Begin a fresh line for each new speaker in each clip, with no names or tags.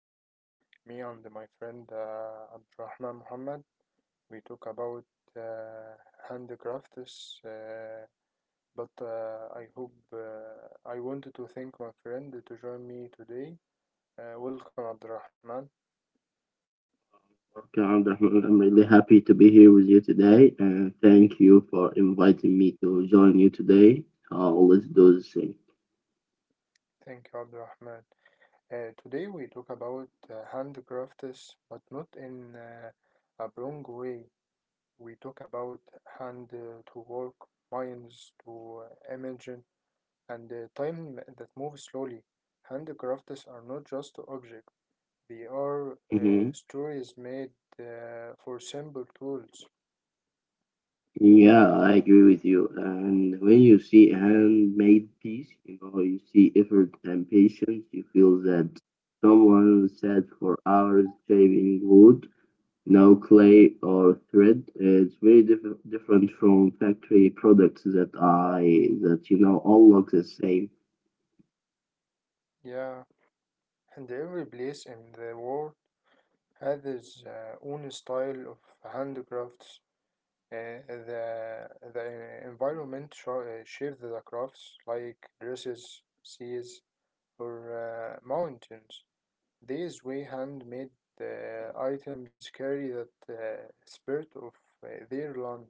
Uh, Me and my friend Abdurrahman Muhammad, we talk about uh, handicrafts. But I hope I wanted to thank my friend to join me today. Welcome Abdurrahman.
Podcast. Rahman, I'm really happy to be here with you today, and thank you for inviting me to join you today. Let's do this thing.
Thank you, Abdurrahman. Today we talk about handcrafts, but not in a wrong way. We talk about hand to work, minds to imagine, and time that moves slowly. Handcrafts are not just objects; they are
Hmm.
stories made for simple tools.
Yeah, I agree with you. And when you see a handmade piece, you know, you see effort and patience, you feel that someone sat for hours shaving wood, no clay or thread. It's very different from factory products that I that you know all look the same.
Yeah, and every place in the world has its own style of handcrafts. The environment shapes the crafts like dresses, seas, or mountains. These way handmade items carry that spirit of their land.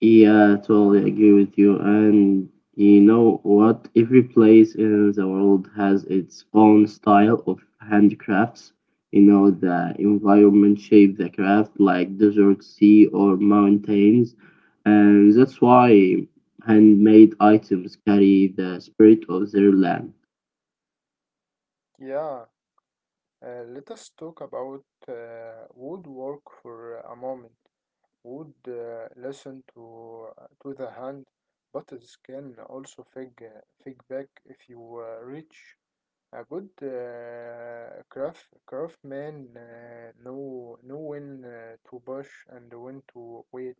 Yeah, totally agree with you. And you know what? Every place in the world has its own style of handicrafts. You know, the environment shape the craft, like desert, sea, or mountains. And that's why handmade items carry the spirit of their land.
Yeah, let us talk about woodwork for a moment. Wood listen to the hand, but it can also fig back if you reach a good craft craftsman know when to push and when to wait.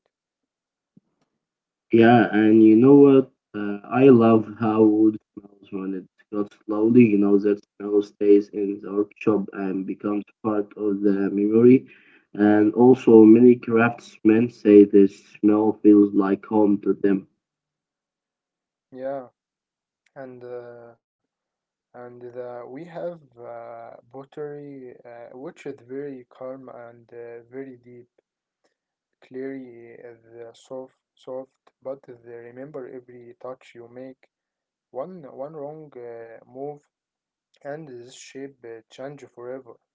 Yeah, and you know what? I love how wood smells when it's cut slowly. You know, that smell stays in the workshop and becomes part of the memory. And also, many craftsmen say this smell feels like home to them.
Yeah, and uh, and we have pottery which is very calm and very deep. Clearly, is soft, but they remember every touch you make. One wrong move and this shape change forever.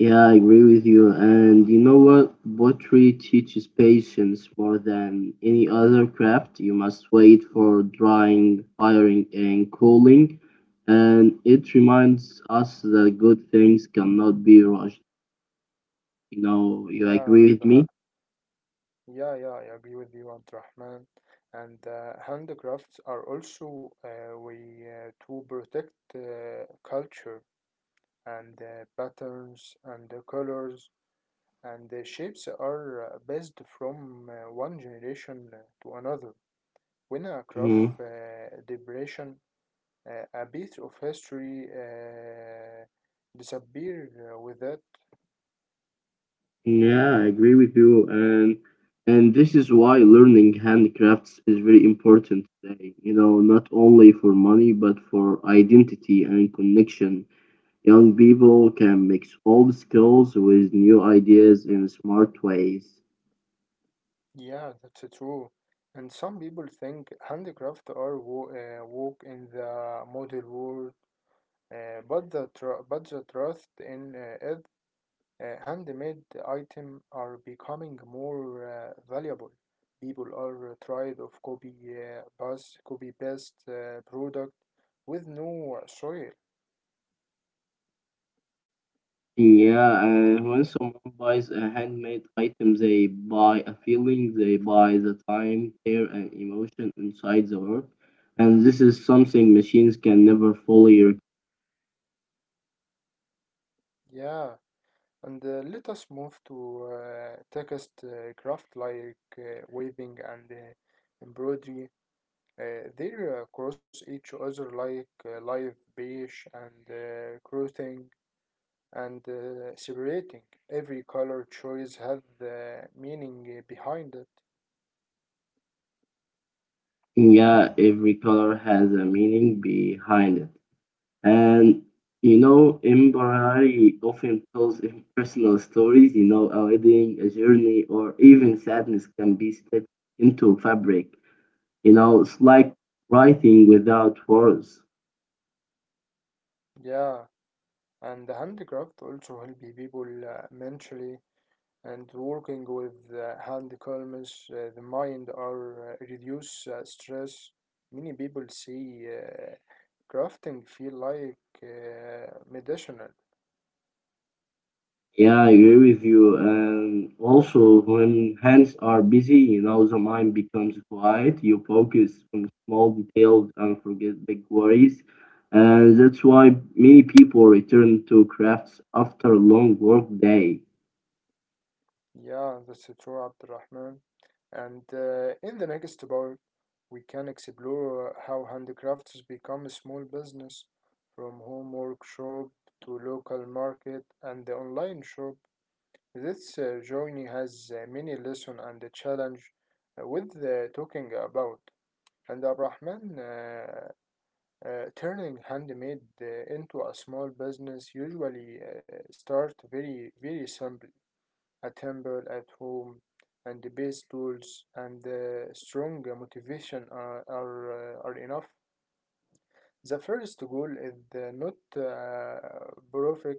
Yeah, I agree with you. And you know what? Pottery teaches patience more than any other craft. You must wait for drying, firing, and cooling. And it reminds us that good things cannot be rushed. You know, you
Yeah, and
agree with
ha
me?
Yeah, yeah, I agree with you, Abdurrahman. And handicrafts are also way to protect culture and patterns and the colors and the shapes are based from one generation to another. When a
Mhm.
craft depression, a bit of history disappear with it.
Yeah, I agree with you. And this is why learning handicrafts is very important today. You know, not only for money, but for identity and connection. Young people can mix old skills with new ideas in smart ways.
Yeah, that's true. And some people think handicraft are woke in the modern world, but the trust in it, handmade item are becoming more valuable. People are tired of copy paste product with no soil.
Yeah, and when someone buys a handmade item, they buy a feeling, they buy the time, care, and emotion inside the work. And this is something machines can never fully. Rec-
Yeah, and let us move to text craft like weaving and embroidery. They cross each other like live beige and crossing and separating. Every color choice has the meaning behind it.
yeah, every color has a meaning behind it. And you know, empathy often tells personal stories, you know, a wedding, a journey, or even sadness can be stitched into fabric. You know, it's like writing without words.
Yeah, and the handicraft also help people mentally and working with hand calms the mind or reduce stress. Many people see crafting feel like medicinal.
Yeah, I agree with you. And also, when hands are busy, you know, the mind becomes quiet. You focus on small details and forget big worries. And that's why many people return to crafts after a long work day.
Yeah, that's true, Abdurrahman. And in the next part, we can explore how handicrafts become a small business from home workshop to local market and the online shop. This journey has many lessons and a challenge with the talking about. And Abrahman turning handmade into a small business usually start very simple a temple at home, and the best tools and the strong motivation are enough. The first goal is not perfect,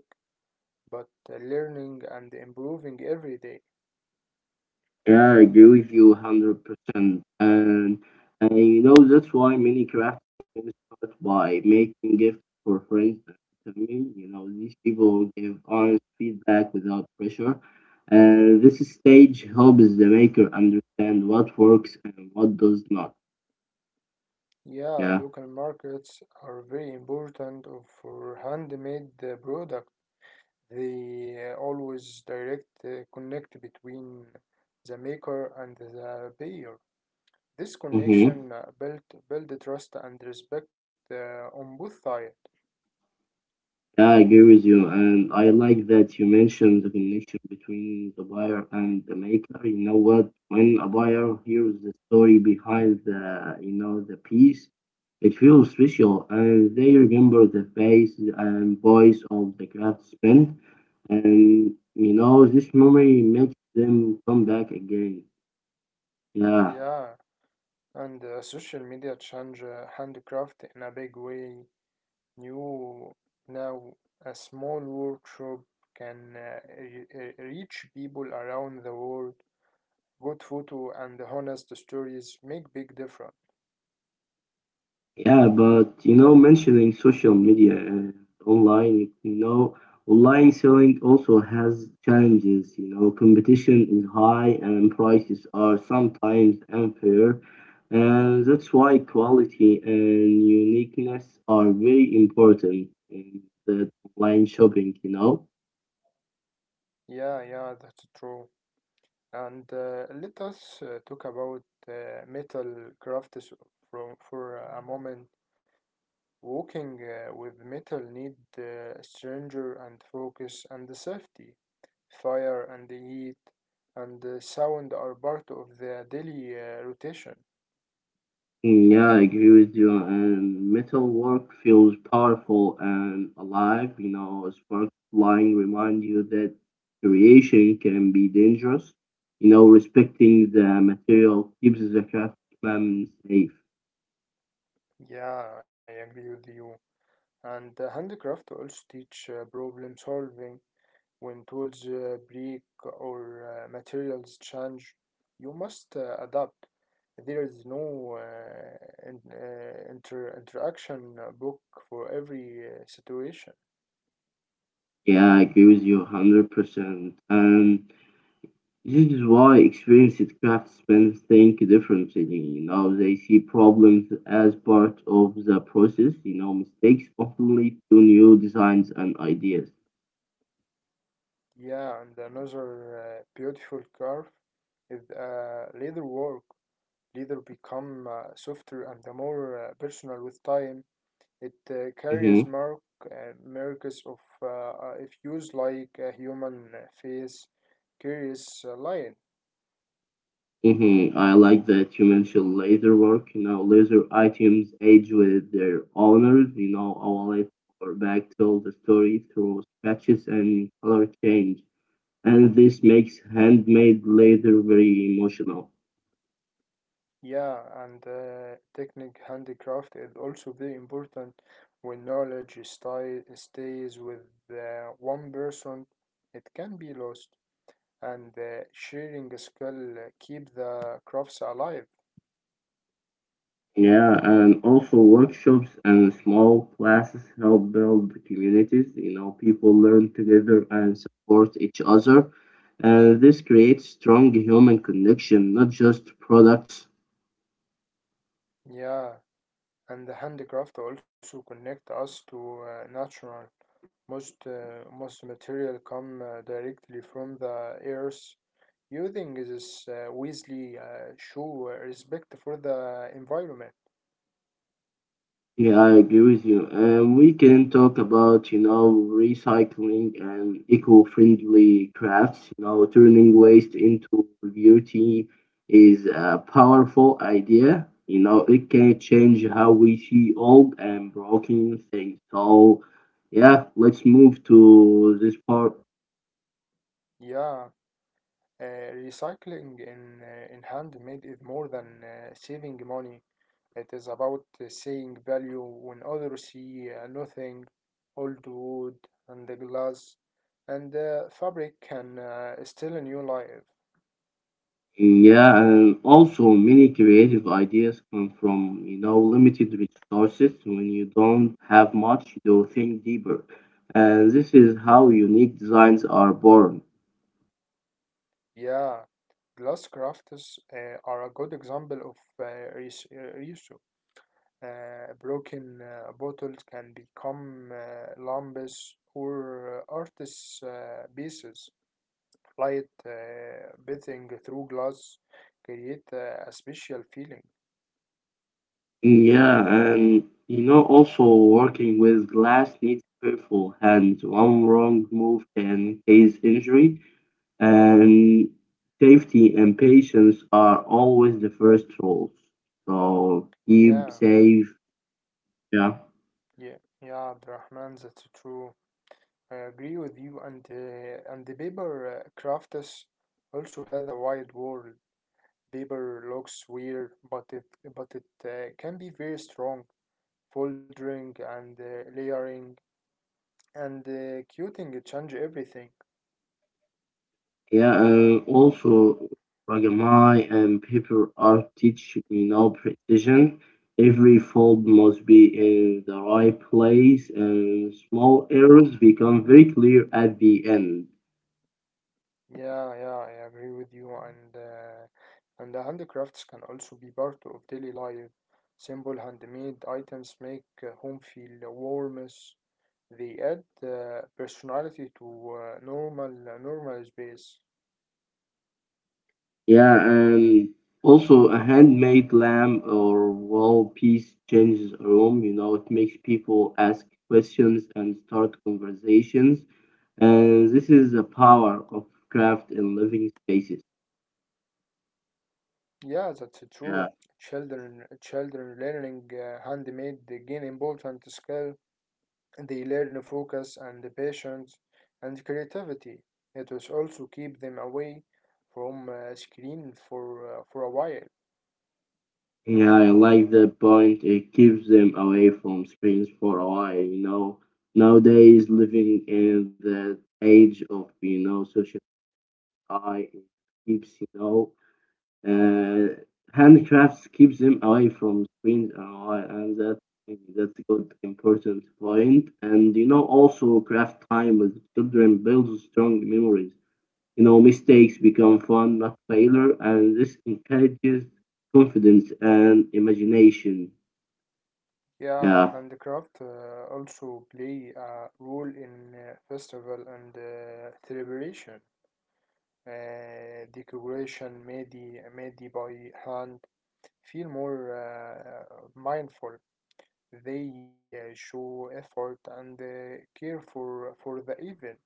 but learning and improving every day.
Yeah, I agree with you 100%. And, and you know, that's why many craft teams start by making gifts for friends and family. You know, these people give honest feedback without pressure. And this stage helps the maker understand what works and what does not.
Yeah,
Yeah.
local markets are very important for handmade product. They always direct connect between the maker and the buyer. This connection
Mm-hmm.
built build trust and respect on both sides.
Yeah, I agree with you, and I like that you mentioned the connection between the buyer and the maker. You know what? When a buyer hears the story behind the piece, it feels special, and they remember the face and voice of the craftsman, and you know, this memory makes them come back again. Yeah.
Yeah, and social media change handcraft in a big way. New Now a small workshop can reach people around the world. Good photo and honest stories make big difference.
Yeah, but you know, mentioning social media and online, you know, online selling also has challenges. You know, competition is high and prices are sometimes unfair. And that's why quality and uniqueness are very important in the online shopping, you know.
Yeah, yeah, that's true. And let us talk about metal crafts from for a moment. Walking with metal need stranger and focus and safety. Fire and heat and sound are part of the daily rotation.
Mm. Yeah, I agree with you. And metalwork feels powerful and alive. You know, spark flying remind you that creation can be dangerous. You know, respecting the material keeps the craftsman safe.
Yeah, I agree with you. And handicraft also teach problem solving. When tools break or materials change, you must adapt. There is no interaction book for every situation.
Yeah, I agree with you 100%. And this is why experienced craftsmen think differently. You know, they see problems as part of the process. You know, mistakes often lead to new designs and ideas.
Yeah, and another beautiful curve is leather work. Leather become softer and more personal with time. It carries
Mm-hmm.
mark marks of if used like a human face, carries a line.
Mhm. I like that you mentioned laser work. You know, laser items age with their owners. You know, our late or back told the story through scratches and color change. And this makes handmade laser very emotional.
Yeah, and technique handicraft is also very important. When knowledge stays with one person, it can be lost. And sharing skill keep the crafts alive.
Yeah, and also workshops and small classes help build communities. You know, people learn together and support each other. And this creates strong human connection, not just products.
Yeah, and the handicraft also connect us to natural. Most material come directly from the earth. Using this wisely show respect for the environment.
Yeah, I agree with you. And we can talk about, you know, recycling and eco-friendly crafts. You know, turning waste into beauty is a powerful idea. You know, it can change how we see old and broken things. So, yeah, let's move to this part.
Yeah, recycling in handmade is more than saving money. It is about seeing value when others see nothing. Old wood and the glass and the fabric can still a new life.
Yeah, and also many creative ideas come from, you know, limited resources. When you don't have much, you think deeper. And this is how unique designs are born.
Yeah, glass crafts are a good example of reuse. Broken bottles can become lamps or artists' pieces. Light bathing through glass create a special feeling.
Yeah, and you know, also working with glass needs careful hands. One wrong move can cause injury, and safety and patience are always the first rules. So keep
Yeah,
safe. Yeah.
yeah, yeah, Abdurrahman, that's true. I agree with you. And the paper crafts also has a wide world. Paper looks weird, but it can be very strong. Folding and layering and quilting change everything.
Yeah, and also Ragamai and paper art teach me now precision. Every fold must be in the right place, and small errors become very clear at the end.
Yeah, yeah, I agree with you. And the handicrafts can also be part of daily life. Simple handmade items make home feel warm. They add personality to normal space.
Yeah, and also a handmade lamp or wall piece changes a room. You know, it makes people ask questions and start conversations, and this is the power of craft in living spaces.
Yeah, that's
Yeah.
true. Children learning handmade gain important skill. They learn focus and patience and creativity. It will also keep them away from screen for a while.
Yeah, I like that point. It keeps them away from screens for a while. You know, nowadays living in the age of you know social AI it keeps uh, handcrafts keeps them away from screens a while, and that's a good important point. And you know, also craft time with children builds strong memories. You know, mistakes become fun, not failure, and this encourages confidence and imagination. Yeah.
Yeah, handicraft also play a role in festival and celebration. Uh, decoration made, Made by hand feel more mindful. They show effort and care for the event.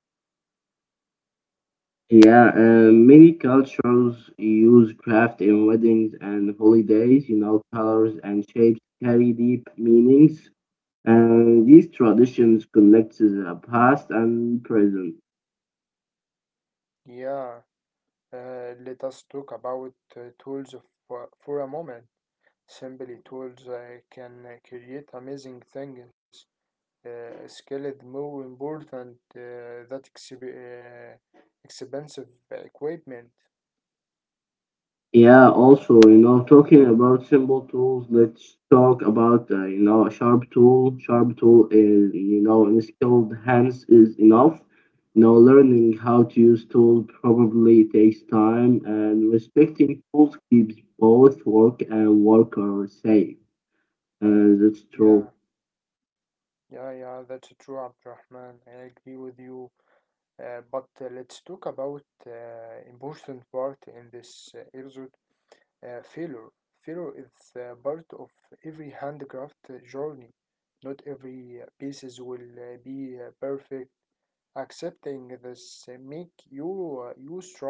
Yeah, many cultures use craft in weddings and holidays. You know, colors and shapes carry deep meanings, and these traditions connect to the past and present.
Yeah, let us talk about tools for a moment. Simply, tools can create amazing things. Skilled, more important that expensive equipment.
Yeah, also, you know, talking about simple tools, let's talk about, you know, a sharp tool. Sharp tool is, you know, in skilled hands is enough. You know, learning how to use tools probably takes time, and respecting tools keeps both work and worker safe. And that's true.
Yeah, yeah, yeah. That's true, Abdurrahman. I agree with you. But let's talk about important part in this episode. Failure. Failure is part of every handicraft journey. Not every pieces will be perfect. Accepting this make you stronger.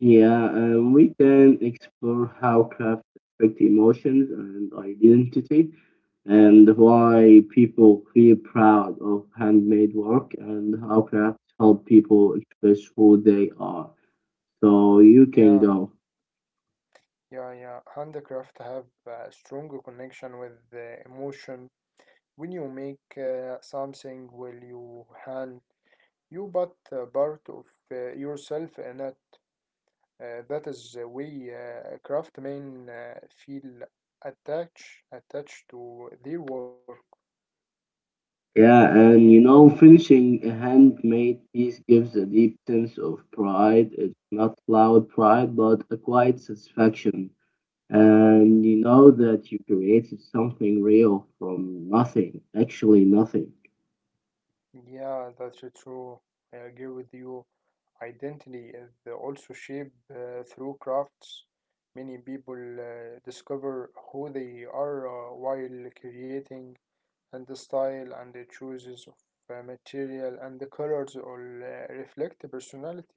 Yeah, we can explore how craft affect emotions and identity, and why people feel proud of handmade work, and how crafts help people express who they are. So you can
Yeah,
go.
yeah, yeah. Handicraft have a stronger connection with the emotion. When you make something will you hand, you but a part of yourself in it. That is the way craftsmen feel attached to their work.
Yeah, and you know, finishing a handmade piece gives a deep sense of pride. It's not loud pride, but a quiet satisfaction. And you know that you created something real from nothing, actually nothing.
Yeah, that's true. I agree with you. Identity is also shaped through crafts. Many people discover who they are while creating, and the style and the choices of material and the colors all reflect the personality.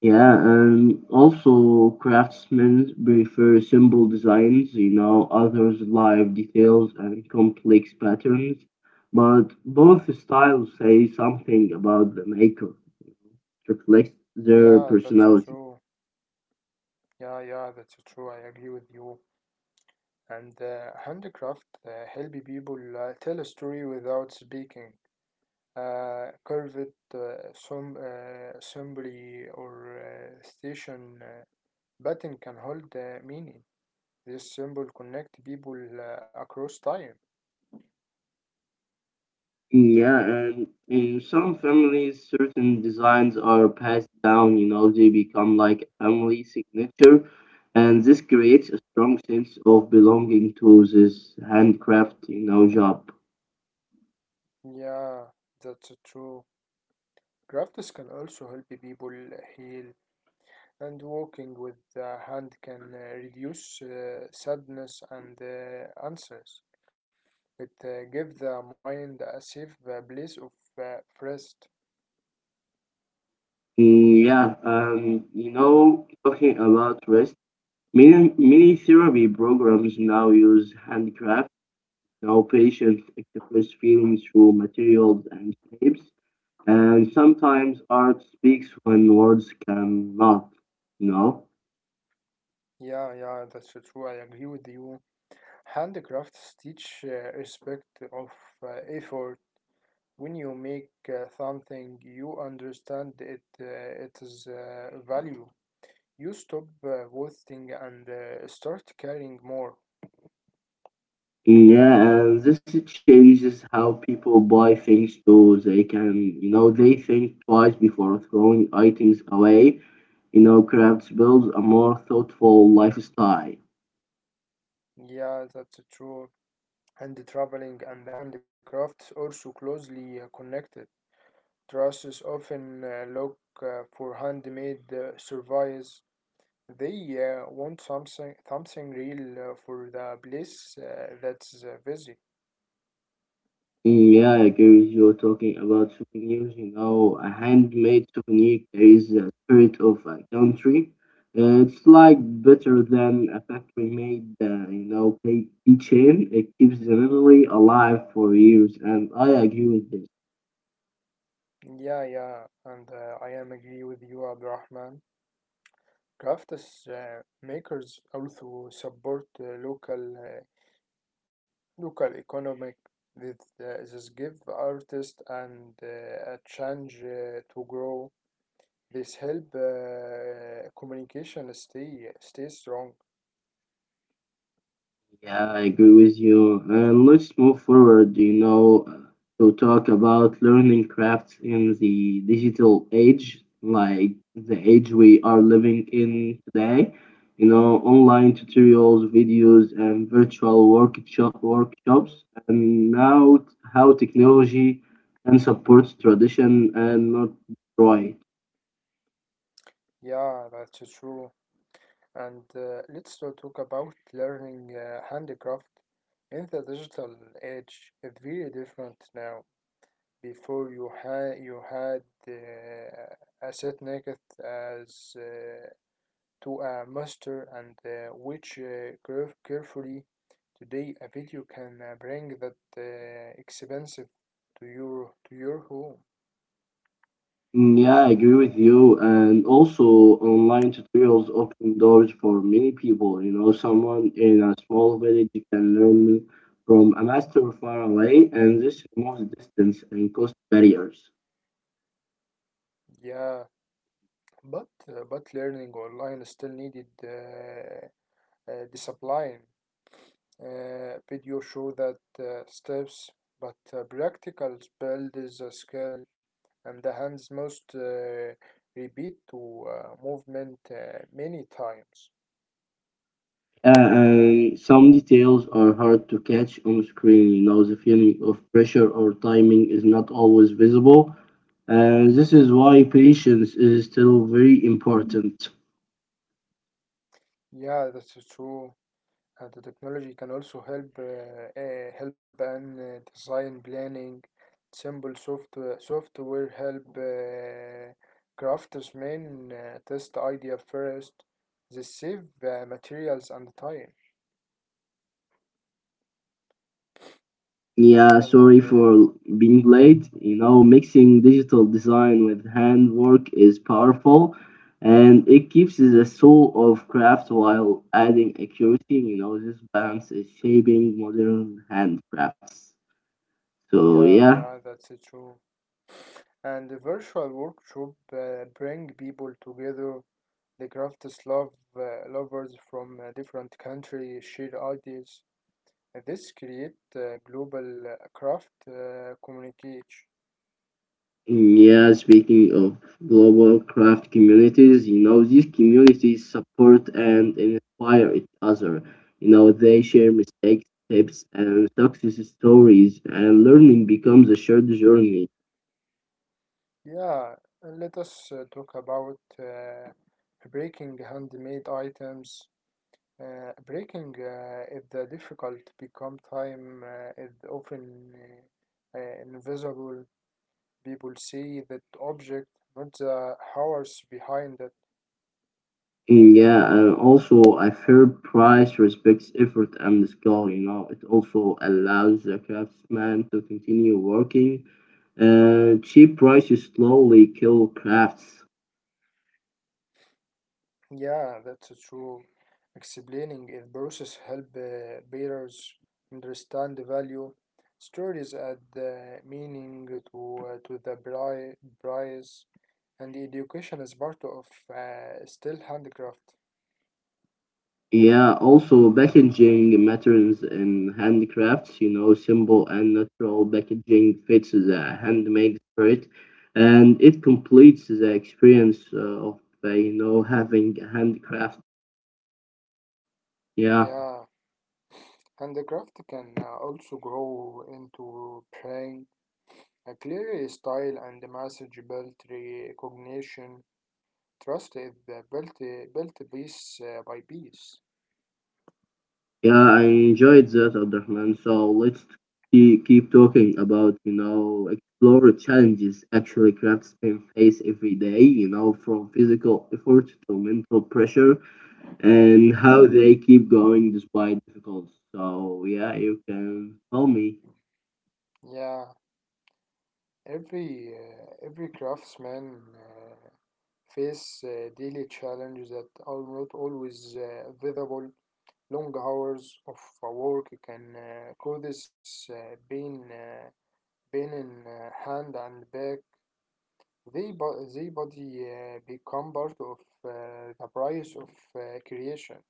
Yeah, and also craftsmen prefer simple designs, you know, others live details and complex patterns, but both styles say something about the maker, reflects
Yeah,
their
that's true.
personality.
Yeah, yeah, that's true. I agree with you. And handicraft help people tell a story without speaking. Curved some assembly or station button can hold meaning. This symbol connect people across time.
Yeah, and in some families, certain designs are passed down, you know, they become like a family signature, and this creates a strong sense of belonging to this handcraft, you know, job.
Yeah, that's true. Crafts can also help people heal, and walking with the hand can reduce sadness and anxiety. It gives the mind a safe place of rest.
Mm. Yeah, you know, talking about rest, many therapy programs now use handcraft. Now, patients express feelings through materials and shapes. Sometimes art speaks when words cannot, you know?
Yeah, yeah, that's true. I agree with you. Handicrafts teach respect of effort. When you make something, you understand it, its value. You stop wasting and start caring more.
Yeah, and this changes how people buy things too. They can, you know, they think twice before throwing items away. You know, crafts builds a more thoughtful lifestyle.
Yeah, that's true. And the traveling and the handicrafts also closely connected. Trusts often look for handmade surveys. They want something real for the place that's busy.
Mm. Yeah, I agree with you talking about souvenirs. You know, a handmade souvenir carries the spirit of a country. It's like better than a factory made, you know, keychain. It keeps the memory alive for years, and I agree with this.
Yeah, yeah, and I am agree with you, Abdurrahman. Crafts makers also support local economic that this give artists and a chance to grow. This help communication stay strong.
Yeah, I agree with you. And let's move forward, you know, to talk about learning crafts in the digital age, like the age we are living in today. You know, online tutorials, videos, and virtual workshops, and now how technology can support tradition and not destroy it.
Yeah, that's true. And let's to talk about learning handicraft in the digital age. It's very different now. Before you had a set naked as to a master and carefully. Today, a video can bring that expensive to your home.
Mm. Yeah, I agree with you. And also, online tutorials open doors for many people. You know, someone in a small village can learn from a master far away, and this removes distance and cost barriers.
Yeah, but learning online still needed discipline. Video show that steps, but practical build is a skill, and the hands must repeat to movement many times.
Yeah, and some details are hard to catch on screen. You know, the feeling of pressure or timing is not always visible. And this is why patience is still very important.
Yeah, that's true. The technology can also help help in design planning. Simple software help craftsmen test idea first. They save materials and time.
Yeah, sorry
And
for being late. You know, mixing digital design with handwork is powerful and it keeps the soul of craft while adding accuracy. You know, this balance is shaping modern handcrafts. So,
Yeah,
yeah.
yeah, that's true. And the virtual workshop bring people together. The crafts love lovers from different countries share ideas. This create global craft communication.
Yeah, speaking of global craft communities, you know, these communities support and inspire each other. You know, they share mistakes, tips, and success stories, and learning becomes a shared journey.
Yeah, and let us talk about breaking handmade items. Breaking is the difficult become time is often invisible. People see that object, not the hours behind it.
And yeah, and also a fair price respects effort and skill. You know, it also allows the craftsman to continue working. Cheap prices slowly kill crafts.
Yeah, that's true. Explaining it process help bearers understand the value, stories add the meaning to the price, and the education is part of still handicraft.
Yeah, also packaging matters in handicrafts, you know, simple and natural packaging fits the handmade spirit and it completes the experience of, you know, having a handcraft. Yeah,
Yeah, handicraft can also grow into praying. A clear style and the message built recognition. Trust is built piece by piece.
yeah, I enjoyed that, Abdurrahman. So let's keep talking about, you know, explore challenges actually craftsmen face every day, you know, from physical effort to mental pressure and how they keep going despite difficulties. So yeah, you can tell me.
Yeah. Every craftsman face daily challenges that are not always visible. Long hours of work can cause pain in hand and back. They body become part of the price of creation.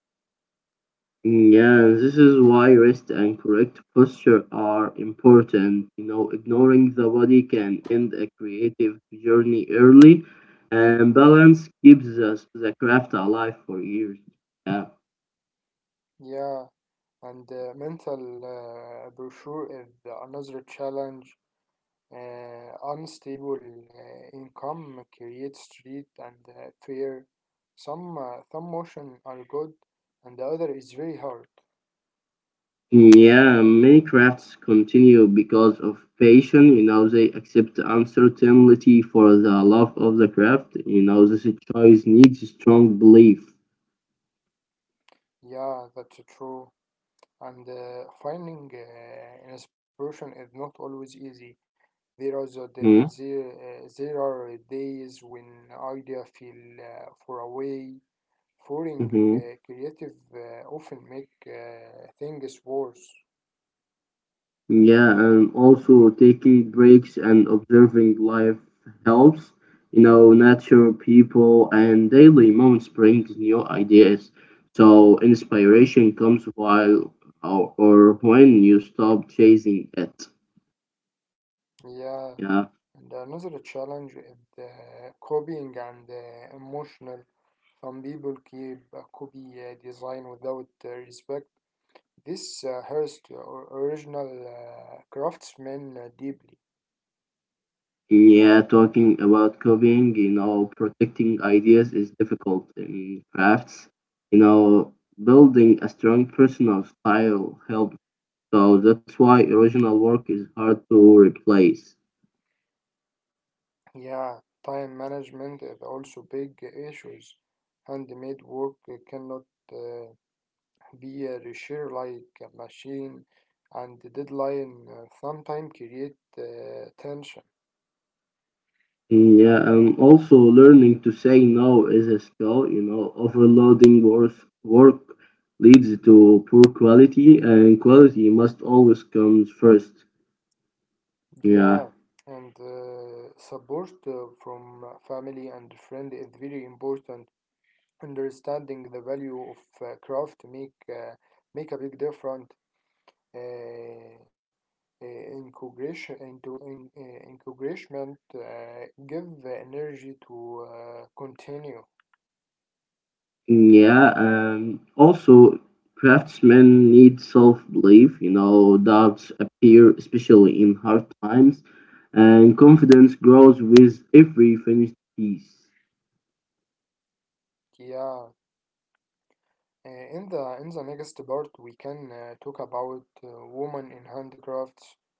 Mm. Yeah, this is why rest and correct posture are important. You know, ignoring the body can end a creative journey early, and balance keeps us the craft alive for years. Yeah.
Yeah, and mental brochure is another challenge. Unstable income creates street and fear. Some motion are good, and the other is very hard.
Yeah, many crafts continue because of passion. You know, they accept uncertainty for the love of the craft. You know, this choice needs strong belief.
Yeah, that's true. And finding inspiration is not always easy. There are the,
hmm
there, there are days when idea feel far away. Foreign
hmm
creative often make things worse.
Yeah, and also taking breaks and observing life helps. You know, nature, people, and daily moments brings new ideas. So inspiration comes while or when you stop chasing it.
Yeah.
Yeah.
And another challenge is the copying and emotional. Some people keep a copy design without respect. This hurts the original craftsmen deeply.
Yeah, talking about copying, you know, protecting ideas is difficult in crafts. You know, building a strong personal style helps. So that's why original work is hard to replace.
Yeah, time management is also big issues. Handmade work cannot uh, be reshared like a machine, and the deadline sometimes create tension.
Yeah, and also learning to say no is a skill. You know, overloading work leads to poor quality, and quality must always comes first. Yeah.
Yeah, and support from family and friend is very important. Understanding the value of craft make a big difference. Uh, uh, encourage into in, uh, Encouragement give the energy to continue.
Yeah, also craftsmen need self-belief. You know, doubts appear especially in hard times, and confidence grows with every finished piece.
Yeah. In the next part, we can talk about women in handicrafts.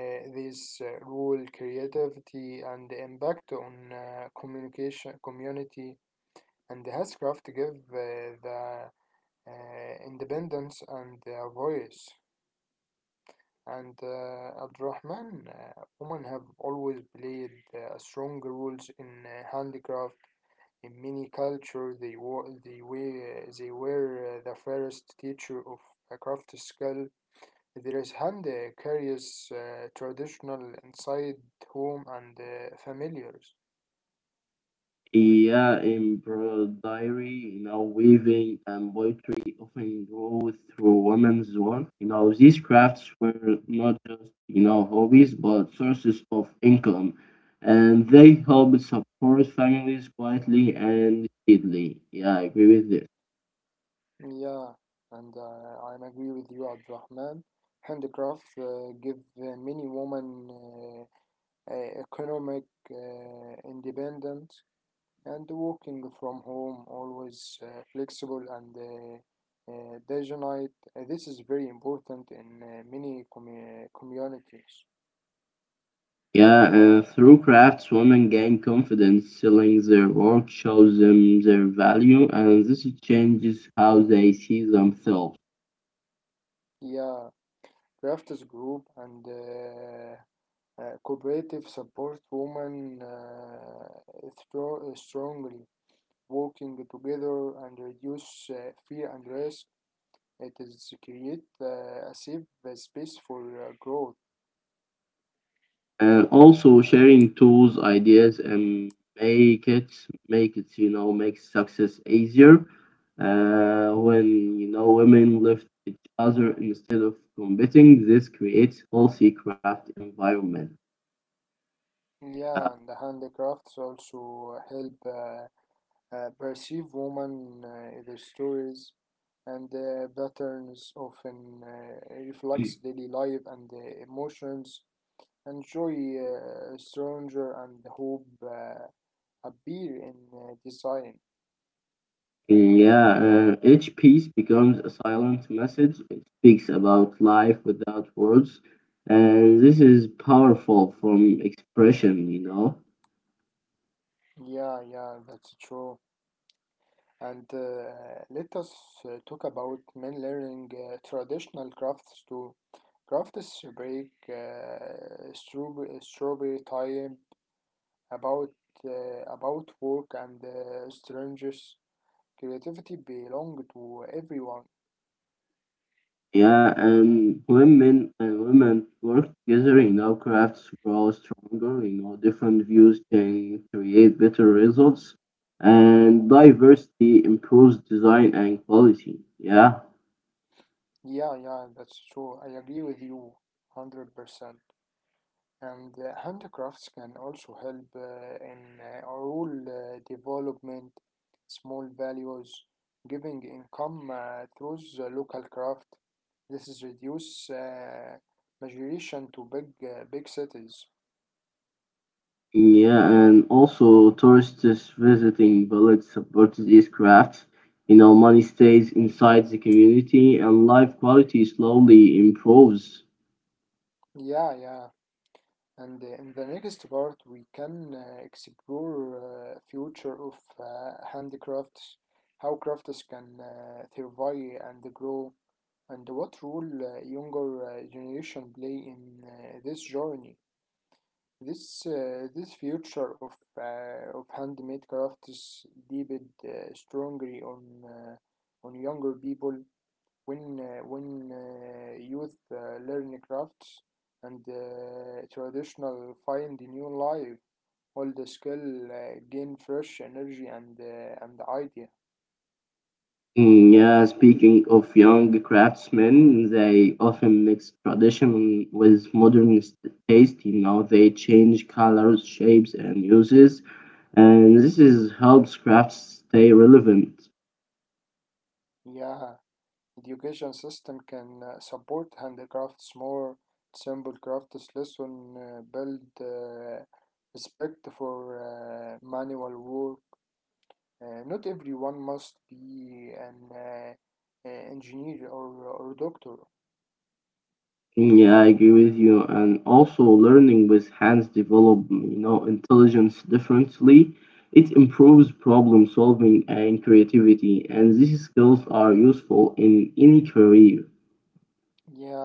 These rule creativity and the impact on communication, community, and the Hashgraph to give the uh, independence and the voice. And Abdurrahman, women have always played strong roles in handicraft. In many cultures, they were the first teacher of craft skill. There is hand carries traditional inside home and familiars.
Yeah, embroidery, you know, weaving and poetry often grow through women's work. You know, these crafts were not just, you know, hobbies, but sources of income. And they helped support families quietly and steadily. Yeah, I agree with this.
Yeah, and I am agree with you, Abdurrahman. Handicraft give many women economic independence and working from home always flexible and dignite. This is very important in many communities.
Yeah, through crafts, women gain confidence. Selling their work shows them their value, and this changes how they see themselves.
Yeah, crafters group and cooperative support women strongly working together and reduce fear and risk. It is create a safe space for growth.
Also sharing tools, ideas, and make it make it you know make success easier. When you know women lift each other instead of competing, this creates healthy craft environment. Uh,
Yeah, and the handicrafts also help perceive women their stories and patterns often reflects daily life and emotions enjoy stranger and hope appear in design.
yeah, each piece becomes a silent message. It speaks about life without words, and this is powerful from expression. You know.
Yeah, yeah, that's true. And let us talk about men learning traditional crafts too. Crafts break strawberry time about about work and strangers. Creativity belong to everyone.
Yeah, and women work together, you know, crafts grow stronger. You know, different views can create better results, and diversity improves design and quality. Yeah.
Yeah, yeah, that's true. I agree with you, 100%. And handicrafts can also help in rural development, small values, giving income through the local craft. This is reduce migration to big cities.
Yeah, and also tourists visiting village supports these crafts. You know, money stays inside the community and life quality slowly improves.
Yeah, yeah. And in the next part, we can explore future of handicrafts, how crafts can survive and grow. And what role younger generation play in this journey? This future of of handmade crafts depend strongly on younger people. When youth learn crafts and traditional find a new life, all the skill gain fresh energy and idea.
Mm, yeah, speaking of young craftsmen, they often mix tradition with modern taste. You know, they change colors, shapes, and uses, and this is helps crafts stay relevant.
Yeah. Education system can support handicrafts more. Simple crafts lesson build respect for manual work. Not everyone must be an engineer or doctor.
Mm, yeah, I agree with you. And also, learning with hands develop, you know, intelligence differently. It improves problem solving and creativity, and these skills are useful in any career.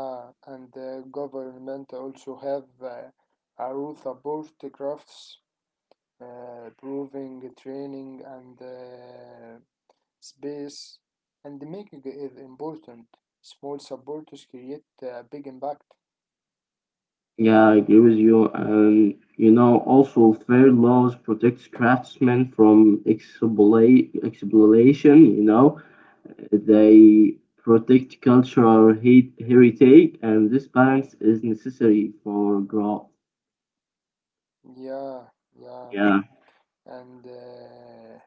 Yeah, and the government also have a rule support crafts, proving training and space, and making it important. Small supporters create a big impact.
Yeah, I agree with you. And you know, also fair laws protects craftsmen from exploitation. You know, they protect cultural heritage, and this balance is necessary for growth.
Yeah, yeah,
Yeah,
and uh,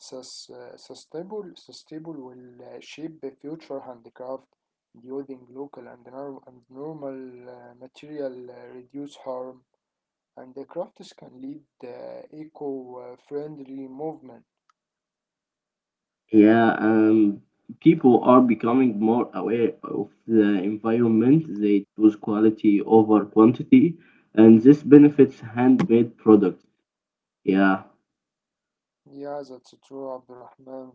sus- uh, sustainable, sustainable will shape the future handicraft using local and, and normal material, reduce harm, and the crafts can lead the eco-friendly movement.
yeah. People are becoming more aware of the environment. They choose quality over quantity, and this benefits handmade products. Yeah.
Yeah, that's true, Abdurrahman.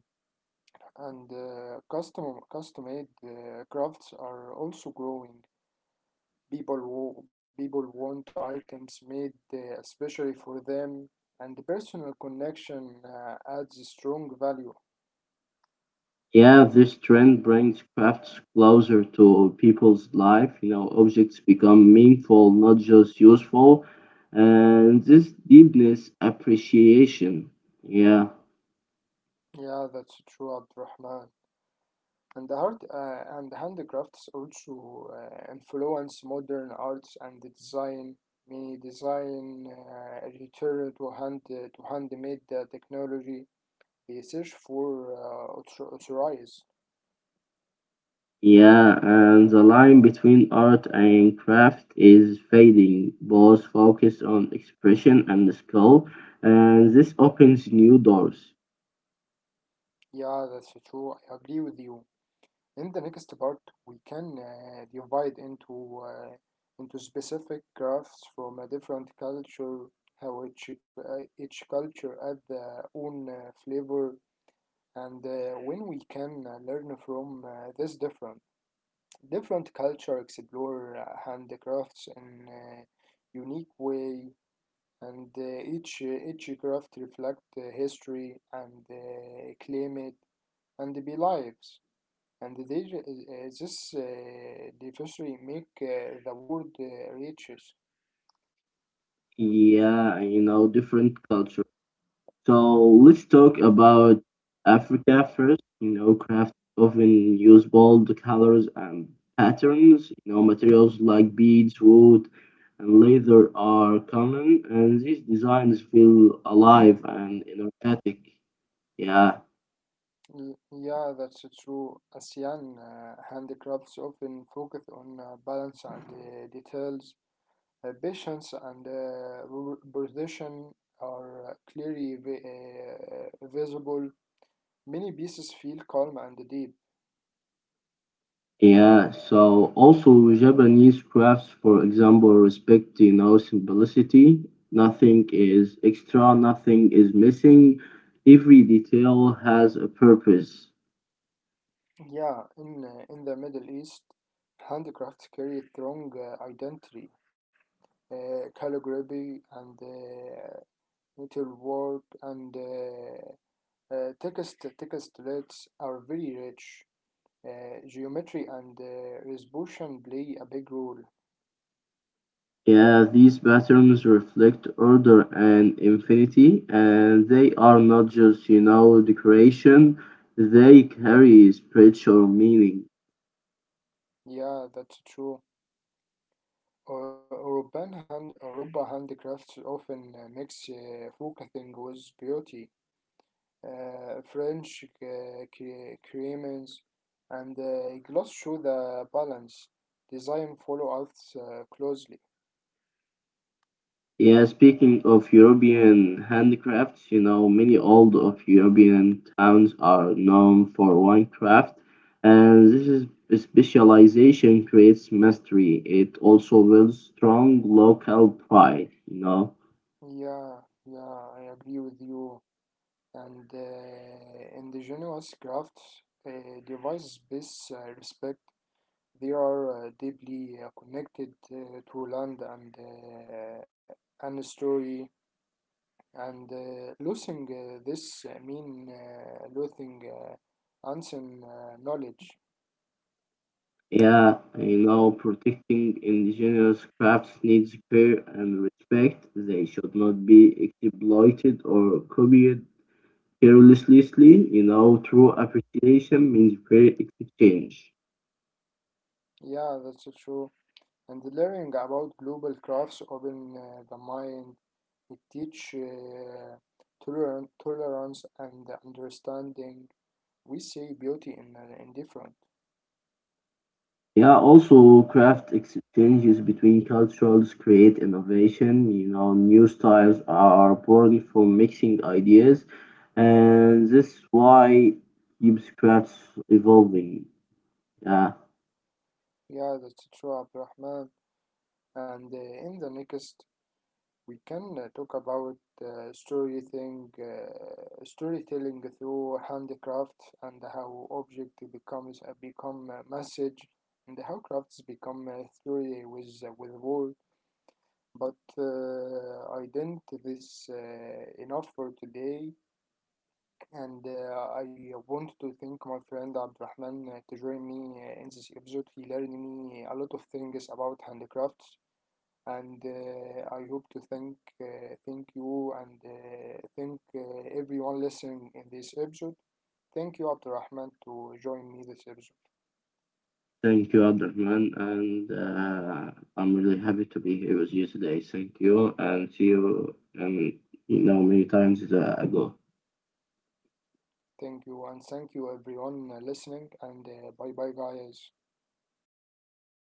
And custom-made crafts are also growing. People want items made especially for them, and the personal connection adds a strong value.
Yeah, this trend brings crafts closer to people's life. You know, objects become meaningful, not just useful. And this deepness appreciation. Yeah,
Yeah, that's true, Abdurrahman. And the art and handicrafts also influence modern arts and the design. Many design return to handmade technology. They search for authorize.
yeah. And the line between art and craft is fading. Both focus on expression and skill, and this opens new doors.
Yeah, that's true. I agree with you. In the next part, we can divide into specific crafts from a different culture, how each culture add their own flavor, and when we can learn from this different culture, explore handicrafts in unique way, and each craft reflect history and claim it and be lives and this diversity make the world riches.
Yeah, you know, different cultures. So let's talk about Africa first. You know, crafts often use bold colors and patterns. You know, materials like beads, wood, and leather are common, and these designs feel alive and energetic. Yeah,
Yeah, that's true. ASEAN handicrafts often focus on balance and details. Patience and precision are visible. Many pieces feel calm and deep.
yeah. So also Japanese crafts, for example, respect you know simplicity. Nothing is extra. Nothing is missing. Every detail has a purpose.
Yeah, in the Middle East, handicrafts carry strong identity. Calligraphy and metalwork and text rates are very rich. Geometry and resolution play a big role.
Yeah, these patterns reflect order and infinity, and they are not just, you know, decoration, they carry spiritual meaning.
Yeah, that's true. European hand Europa handicrafts often mix focusing with beauty. French crayons and gloss show the balance. Design follow us closely.
Yeah, speaking of European handicrafts, you know, many old of European towns are known for one craft, and this is specialization creates mastery. It also builds strong local pride, you know.
Yeah, yeah, I agree with you. And in the generous crafts, devices best respect, they are deeply connected to land and story. And losing this mean losing ancient knowledge.
Yeah, you know, protecting indigenous crafts needs care and respect. They should not be exploited or copied carelessly. You know, true appreciation means fair exchange.
Yeah, that's so true. And learning about global crafts open the mind. It teach tolerance and understanding. We see beauty in different.
Yeah, also craft exchanges between cultures create innovation. You know, new styles are born from mixing ideas, and this is why keeps crafts evolving. Yeah.
Yeah, that's true, Abdurrahman. And in the next, we can talk about story thing, storytelling through handicrafts and how object becomes become a message and how crafts become a story with word. But I didn't this enough for today, and I want to thank my friend Abdurrahman to join me in this episode. He learned me a lot of things about handicrafts, and I hope to thank you and thank everyone listening in this episode. Thank you, Abdurrahman, to join me this episode.
Thank you, Abdurrahman, and I'm really happy to be here with you today. Thank you, and see you um, you know many times ago.
Thank you, and thank you everyone listening, and bye bye, guys.